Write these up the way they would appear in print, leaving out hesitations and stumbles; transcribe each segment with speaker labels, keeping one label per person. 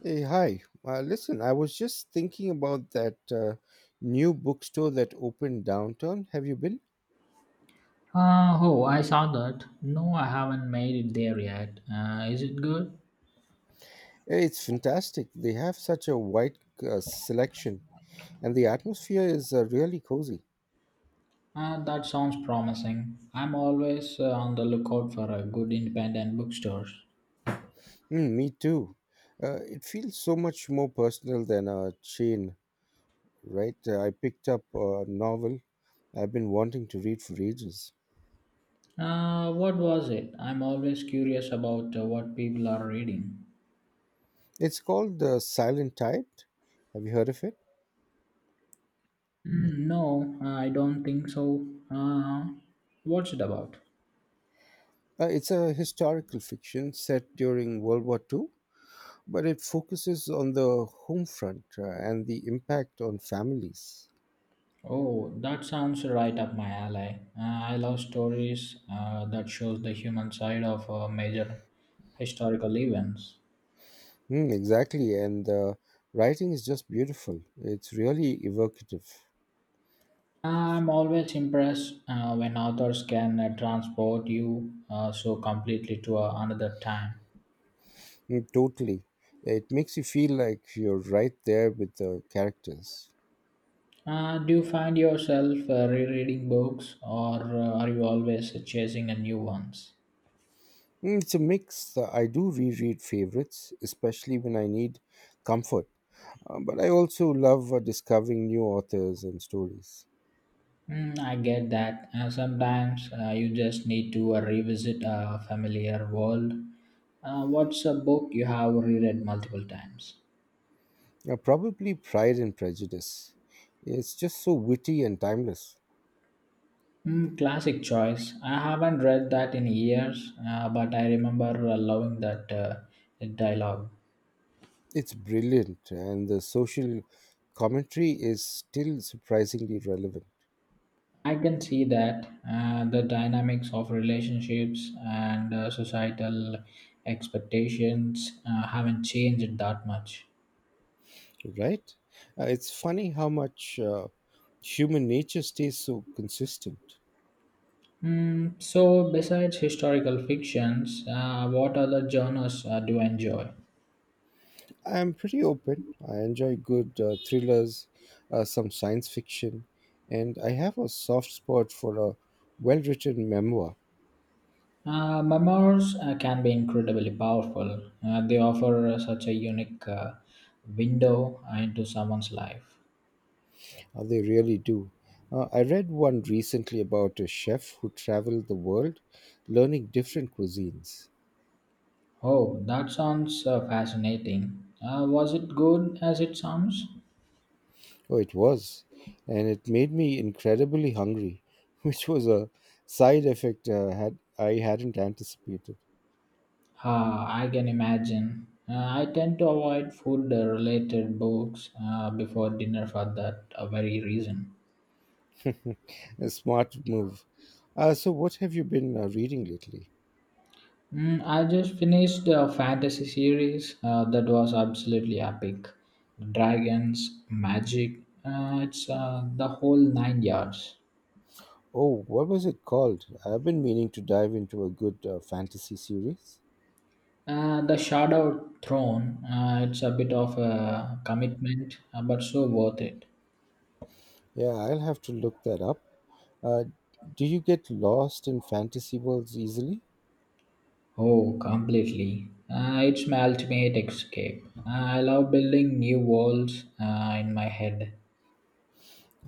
Speaker 1: Hey, hi. Listen, I was just thinking about that new bookstore that opened downtown. Have you been?
Speaker 2: Oh, I saw that. No, I haven't made it there yet. Is it good?
Speaker 1: It's fantastic. They have such a wide selection, and the atmosphere is really cozy.
Speaker 2: That sounds promising. I'm always on the lookout for a good independent bookstores.
Speaker 1: Mm, me too. It feels so much more personal than a chain, right? I picked up a novel I've been wanting to read for ages.
Speaker 2: What was it? I'm always curious about what people are reading.
Speaker 1: It's called The Silent Tide. Have you heard of it?
Speaker 2: No, I don't think so. What's it about?
Speaker 1: It's a historical fiction set during World War Two, but it focuses on the home front and the impact on families.
Speaker 2: Oh, that sounds right up my alley. I love stories that shows the human side of major historical events.
Speaker 1: Mm, exactly, and the writing is just beautiful. It's really evocative.
Speaker 2: I'm always impressed when authors can transport you so completely to another time.
Speaker 1: Mm, totally. It makes you feel like you're right there with the characters.
Speaker 2: Do you find yourself rereading books or are you always chasing a new ones?
Speaker 1: Mm, it's a mix. I do reread favorites, especially when I need comfort. But I also love discovering new authors and stories.
Speaker 2: I get that. Sometimes you just need to revisit a familiar world. What's a book you have reread multiple times?
Speaker 1: Probably Pride and Prejudice. It's just so witty and timeless.
Speaker 2: Classic choice. I haven't read that in years, but I remember loving that dialogue.
Speaker 1: It's brilliant, and the social commentary is still surprisingly relevant,
Speaker 2: I can see that the dynamics of relationships and societal expectations haven't changed that much.
Speaker 1: right? It's funny how much human nature stays so consistent.
Speaker 2: So, besides historical fictions, what other genres do you enjoy?
Speaker 1: I'm pretty open. I enjoy good thrillers, some science fiction, and I have a soft spot for a well written memoir.
Speaker 2: Memoirs can be incredibly powerful. They offer such a unique window into someone's life.
Speaker 1: They really do. I read one recently about a chef who traveled the world learning different cuisines.
Speaker 2: Oh, that sounds fascinating. Was it good as it sounds?
Speaker 1: Oh, it was. And it made me incredibly hungry, which was a side effect had I hadn't anticipated.
Speaker 2: I can imagine. I tend to avoid food related books before dinner for that very reason.
Speaker 1: A smart move. So, what have you been reading lately?
Speaker 2: I just finished a fantasy series that was absolutely epic. Dragons, magic, it's the whole nine yards.
Speaker 1: Oh, what was it called? I've been meaning to dive into a good fantasy series.
Speaker 2: The Shadow Throne, it's a bit of a commitment, but so worth it.
Speaker 1: Yeah, I'll have to look that up. Uh, do you get lost in fantasy worlds easily?
Speaker 2: Oh, completely. It's my ultimate escape. I love building new worlds in my head.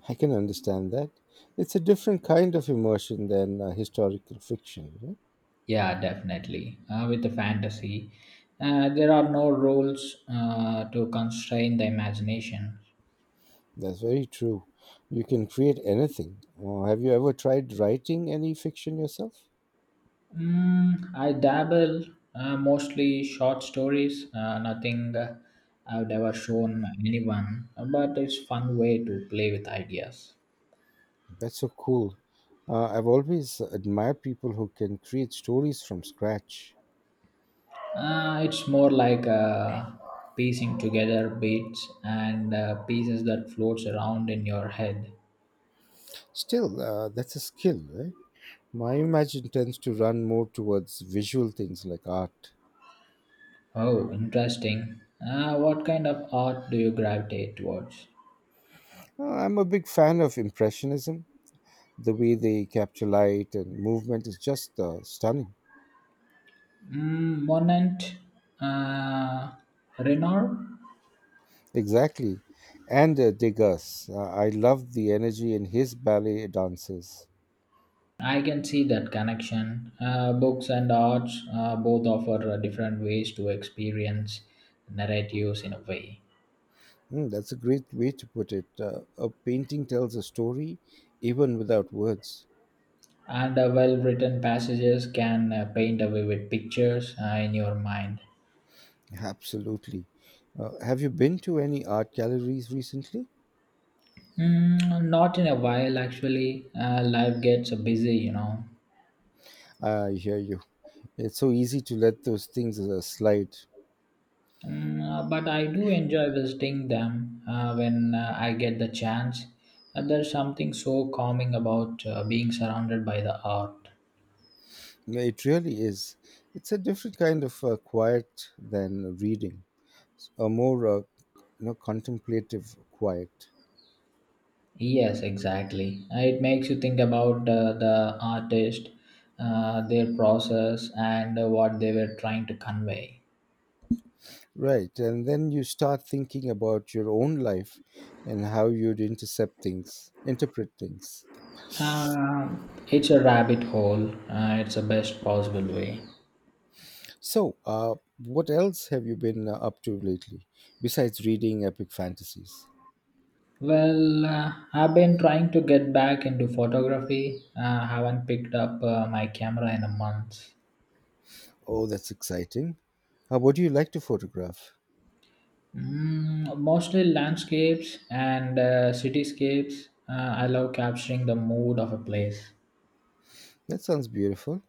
Speaker 1: I can understand that. It's a different kind of immersion than historical fiction, right?
Speaker 2: Yeah, definitely. With the fantasy, there are no rules to constrain the imagination.
Speaker 1: That's very true. You can create anything. Have you ever tried writing any fiction yourself?
Speaker 2: I dabble mostly short stories, nothing I've ever shown anyone, but it's fun way to play with ideas.
Speaker 1: That's so cool. I've always admired people who can create stories from scratch.
Speaker 2: It's more like piecing together bits and pieces that floats around in your head.
Speaker 1: Still, that's a skill, right? My imagination tends to run more towards visual things like art.
Speaker 2: Oh, interesting. What kind of art do you gravitate towards?
Speaker 1: I'm a big fan of Impressionism. The way they capture light and movement is just stunning.
Speaker 2: Monant, uh, Renoir.
Speaker 1: Exactly. And Degas. I love the energy in his ballet dances.
Speaker 2: I can see that connection. Books and arts both offer different ways to experience narratives in a way.
Speaker 1: Mm, that's a great way to put it. A painting tells a story even without words.
Speaker 2: And well written passages can paint a vivid pictures in your mind.
Speaker 1: Absolutely. Have you been to any art galleries recently?
Speaker 2: Not in a while, actually. Life gets busy, you know.
Speaker 1: I hear you. It's so easy to let those things slide.
Speaker 2: But I do enjoy visiting them when I get the chance. And there's something so calming about being surrounded by the art.
Speaker 1: Yeah, it really is. It's a different kind of quiet than reading, a more contemplative quiet.
Speaker 2: Yes, exactly. It makes you think about the artist, their process, and what they were trying to convey.
Speaker 1: Right. And then you start thinking about your own life and how you'd intercept things, interpret things.
Speaker 2: It's a rabbit hole. It's the best possible way.
Speaker 1: So, what else have you been up to lately besides reading epic fantasies?
Speaker 2: Well, I've been trying to get back into photography. Haven't picked up my camera in a month.
Speaker 1: Oh, that's exciting. What do you like to photograph?
Speaker 2: Mostly landscapes and cityscapes. I love capturing the mood of a place.
Speaker 1: That sounds beautiful.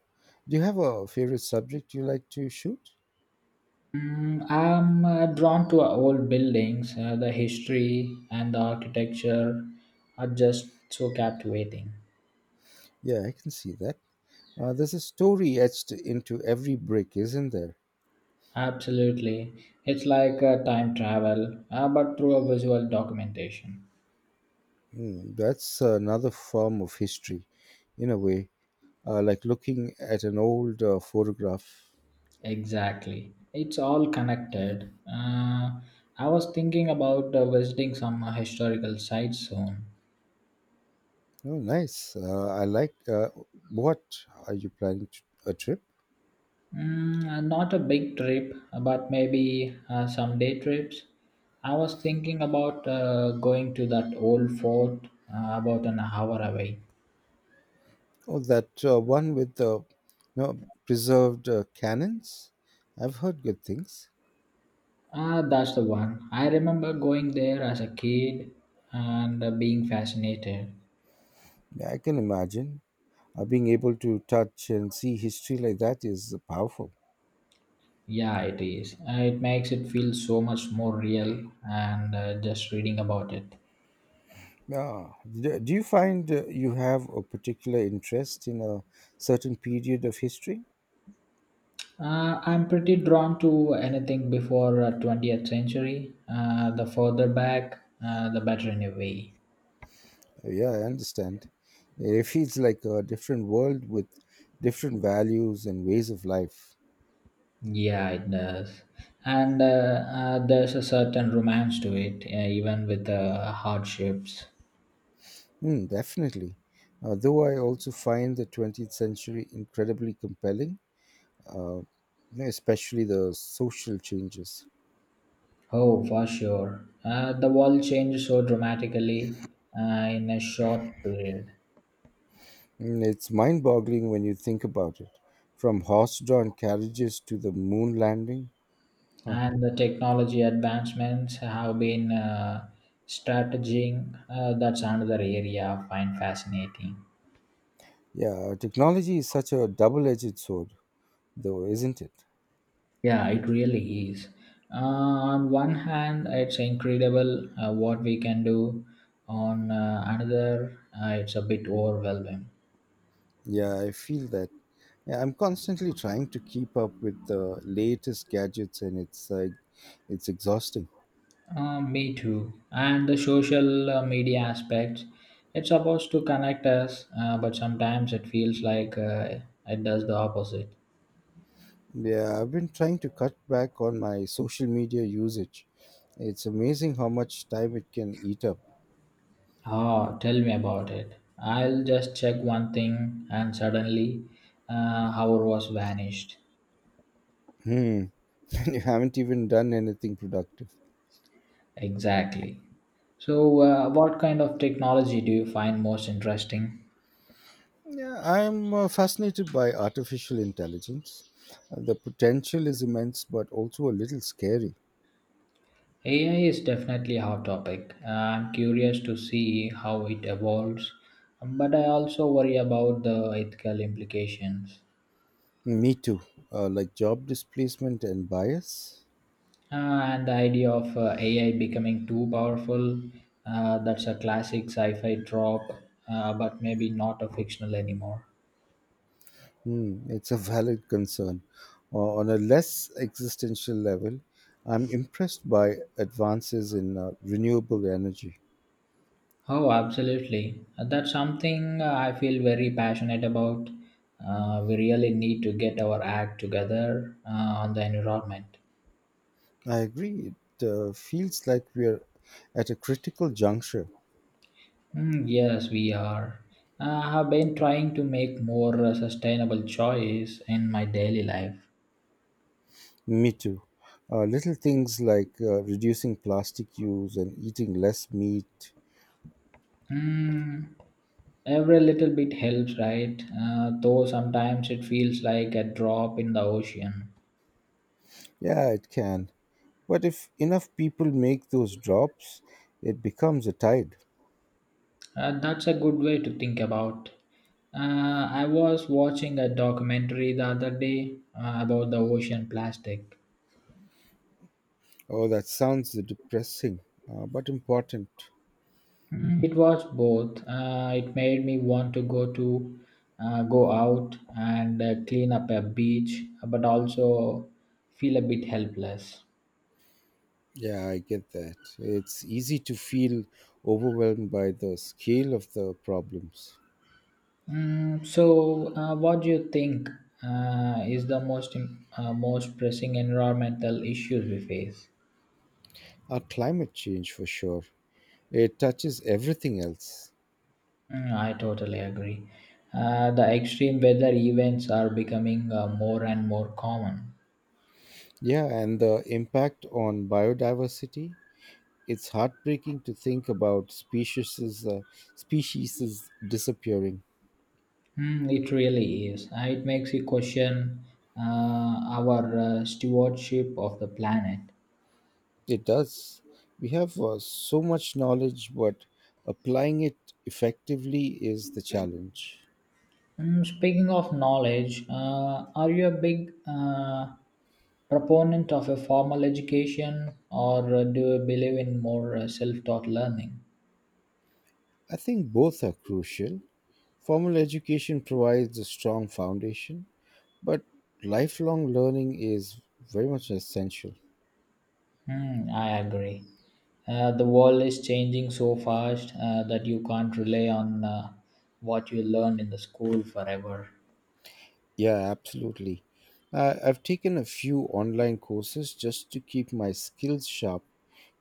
Speaker 1: Do you have a favorite subject you like to shoot?
Speaker 2: I'm drawn to old buildings. The history and the architecture are just so captivating.
Speaker 1: Yeah, I can see that. There's a story etched into every brick, isn't there?
Speaker 2: Absolutely. It's like time travel, but through a visual documentation.
Speaker 1: Hmm, that's another form of history, in a way, like looking at an old photograph.
Speaker 2: Exactly. It's all connected. I was thinking about visiting some historical sites soon.
Speaker 1: Oh, nice. I like. What are you planning to, a trip?
Speaker 2: Not a big trip, but maybe some day trips. I was thinking about going to that old fort about an hour away.
Speaker 1: Oh, that one with the know, preserved cannons. I've heard good things.
Speaker 2: Ah, that's the one. I remember going there as a kid and being fascinated.
Speaker 1: Yeah, I can imagine being able to touch and see history like that is powerful.
Speaker 2: Yeah, it is. It makes it feel so much more real and just reading about it.
Speaker 1: Yeah. Do you find you have a particular interest in a certain period of history?
Speaker 2: I'm pretty drawn to anything before 20th century. The further back, the better in a way.
Speaker 1: Yeah, I understand. It feels like a different world with different values and ways of life.
Speaker 2: Yeah, it does. And there's a certain romance to it, even with hardships.
Speaker 1: Hmm, definitely. Though I also find the 20th century incredibly compelling, uh, especially the social changes.
Speaker 2: Oh, for sure. The world changed so dramatically in a short period,
Speaker 1: And it's mind boggling when you think about it. From horse drawn carriages to the moon landing. Huh.
Speaker 2: and the technology advancements have been strategizing. That's another area I find fascinating.
Speaker 1: Yeah, technology is such a double edged sword, though, isn't it?
Speaker 2: Yeah, it really is. On one hand, it's incredible what we can do. On another, it's a bit overwhelming.
Speaker 1: Yeah, I feel that. Yeah, I'm constantly trying to keep up with the latest gadgets, and it's like it's exhausting.
Speaker 2: Me too. And the social media aspects, it's supposed to connect us, but sometimes it feels like it does the opposite.
Speaker 1: Yeah, I've been trying to cut back on my social media usage. It's amazing how much time it can eat up.
Speaker 2: Oh, tell me about it. I'll just check one thing, and suddenly, hour was vanished.
Speaker 1: Hmm. You haven't even done anything productive.
Speaker 2: Exactly. So, what kind of technology do you find most interesting?
Speaker 1: Yeah, I'm fascinated by artificial intelligence. The potential is immense, but also a little scary.
Speaker 2: AI is definitely a hot topic. I'm curious to see how it evolves, but I also worry about the ethical implications.
Speaker 1: Me too. Like job displacement and bias.
Speaker 2: Uh, and the idea of AI becoming too powerful, that's a classic sci fi trope, but maybe not a fictional anymore.
Speaker 1: Hmm, it's a valid concern. On a less existential level, I'm impressed by advances in renewable energy.
Speaker 2: Oh, absolutely. That's something I feel very passionate about. We really need to get our act together on the environment.
Speaker 1: I agree. It feels like we are at a critical juncture.
Speaker 2: Yes, we are. I have been trying to make more sustainable choice in my daily life.
Speaker 1: Me too. Little things like reducing plastic use and eating less meat.
Speaker 2: Mm, every little bit helps, right? Though sometimes it feels like a drop in the ocean.
Speaker 1: Yeah, it can. But if enough people make those drops, it becomes a tide.
Speaker 2: That's a good way to think about. I was watching a documentary the other day about the ocean plastic.
Speaker 1: Oh, that sounds depressing, but important.
Speaker 2: It was both. It made me want to go out and clean up a beach, but also feel a bit helpless.
Speaker 1: Yeah, I get that. It's easy to feel overwhelmed by the scale of the problems.
Speaker 2: So, what do you think is the most pressing environmental issues we face?
Speaker 1: Our climate change, for sure, it touches everything else.
Speaker 2: I totally agree. The extreme weather events are becoming more and more common.
Speaker 1: Yeah, and the impact on biodiversity. It's heartbreaking to think about species is disappearing.
Speaker 2: It really is. It makes you question our stewardship of the planet.
Speaker 1: It does. We have so much knowledge, but applying it effectively is the challenge.
Speaker 2: Speaking of knowledge, are you a big proponent of a formal education or do you believe in more self taught learning?
Speaker 1: I think both are crucial. Formal education provides a strong foundation, but lifelong learning is very much essential.
Speaker 2: I agree. The world is changing so fast that you can't rely on what you learned in the school forever.
Speaker 1: Yeah, absolutely. I've taken a few online courses just to keep my skills sharp,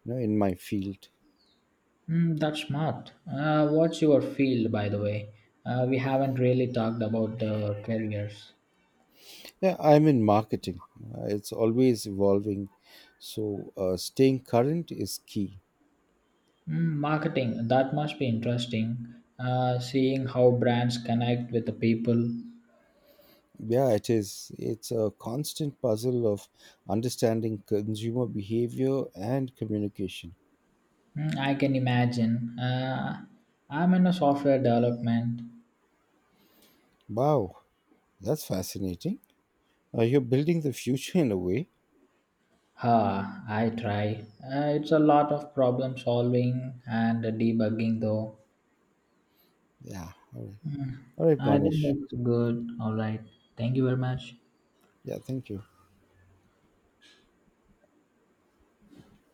Speaker 1: you know, in my field.
Speaker 2: That's smart. What's your field, by the way? We haven't really talked about the careers.
Speaker 1: Yeah, I'm in marketing. It's always evolving, so staying current is key.
Speaker 2: Marketing, that must be interesting. Seeing how brands connect with the people.
Speaker 1: Yeah, it is. It's a constant puzzle of understanding consumer behavior and communication.
Speaker 2: I can imagine. I'm in a software development.
Speaker 1: Wow, that's fascinating. You're building the future in a way.
Speaker 2: Ah, I try. It's a lot of problem solving and debugging, though.
Speaker 1: Yeah. All right, all right,
Speaker 2: I think
Speaker 1: Manish.
Speaker 2: that's good. All right. Thank you very much.
Speaker 1: Yeah, thank you.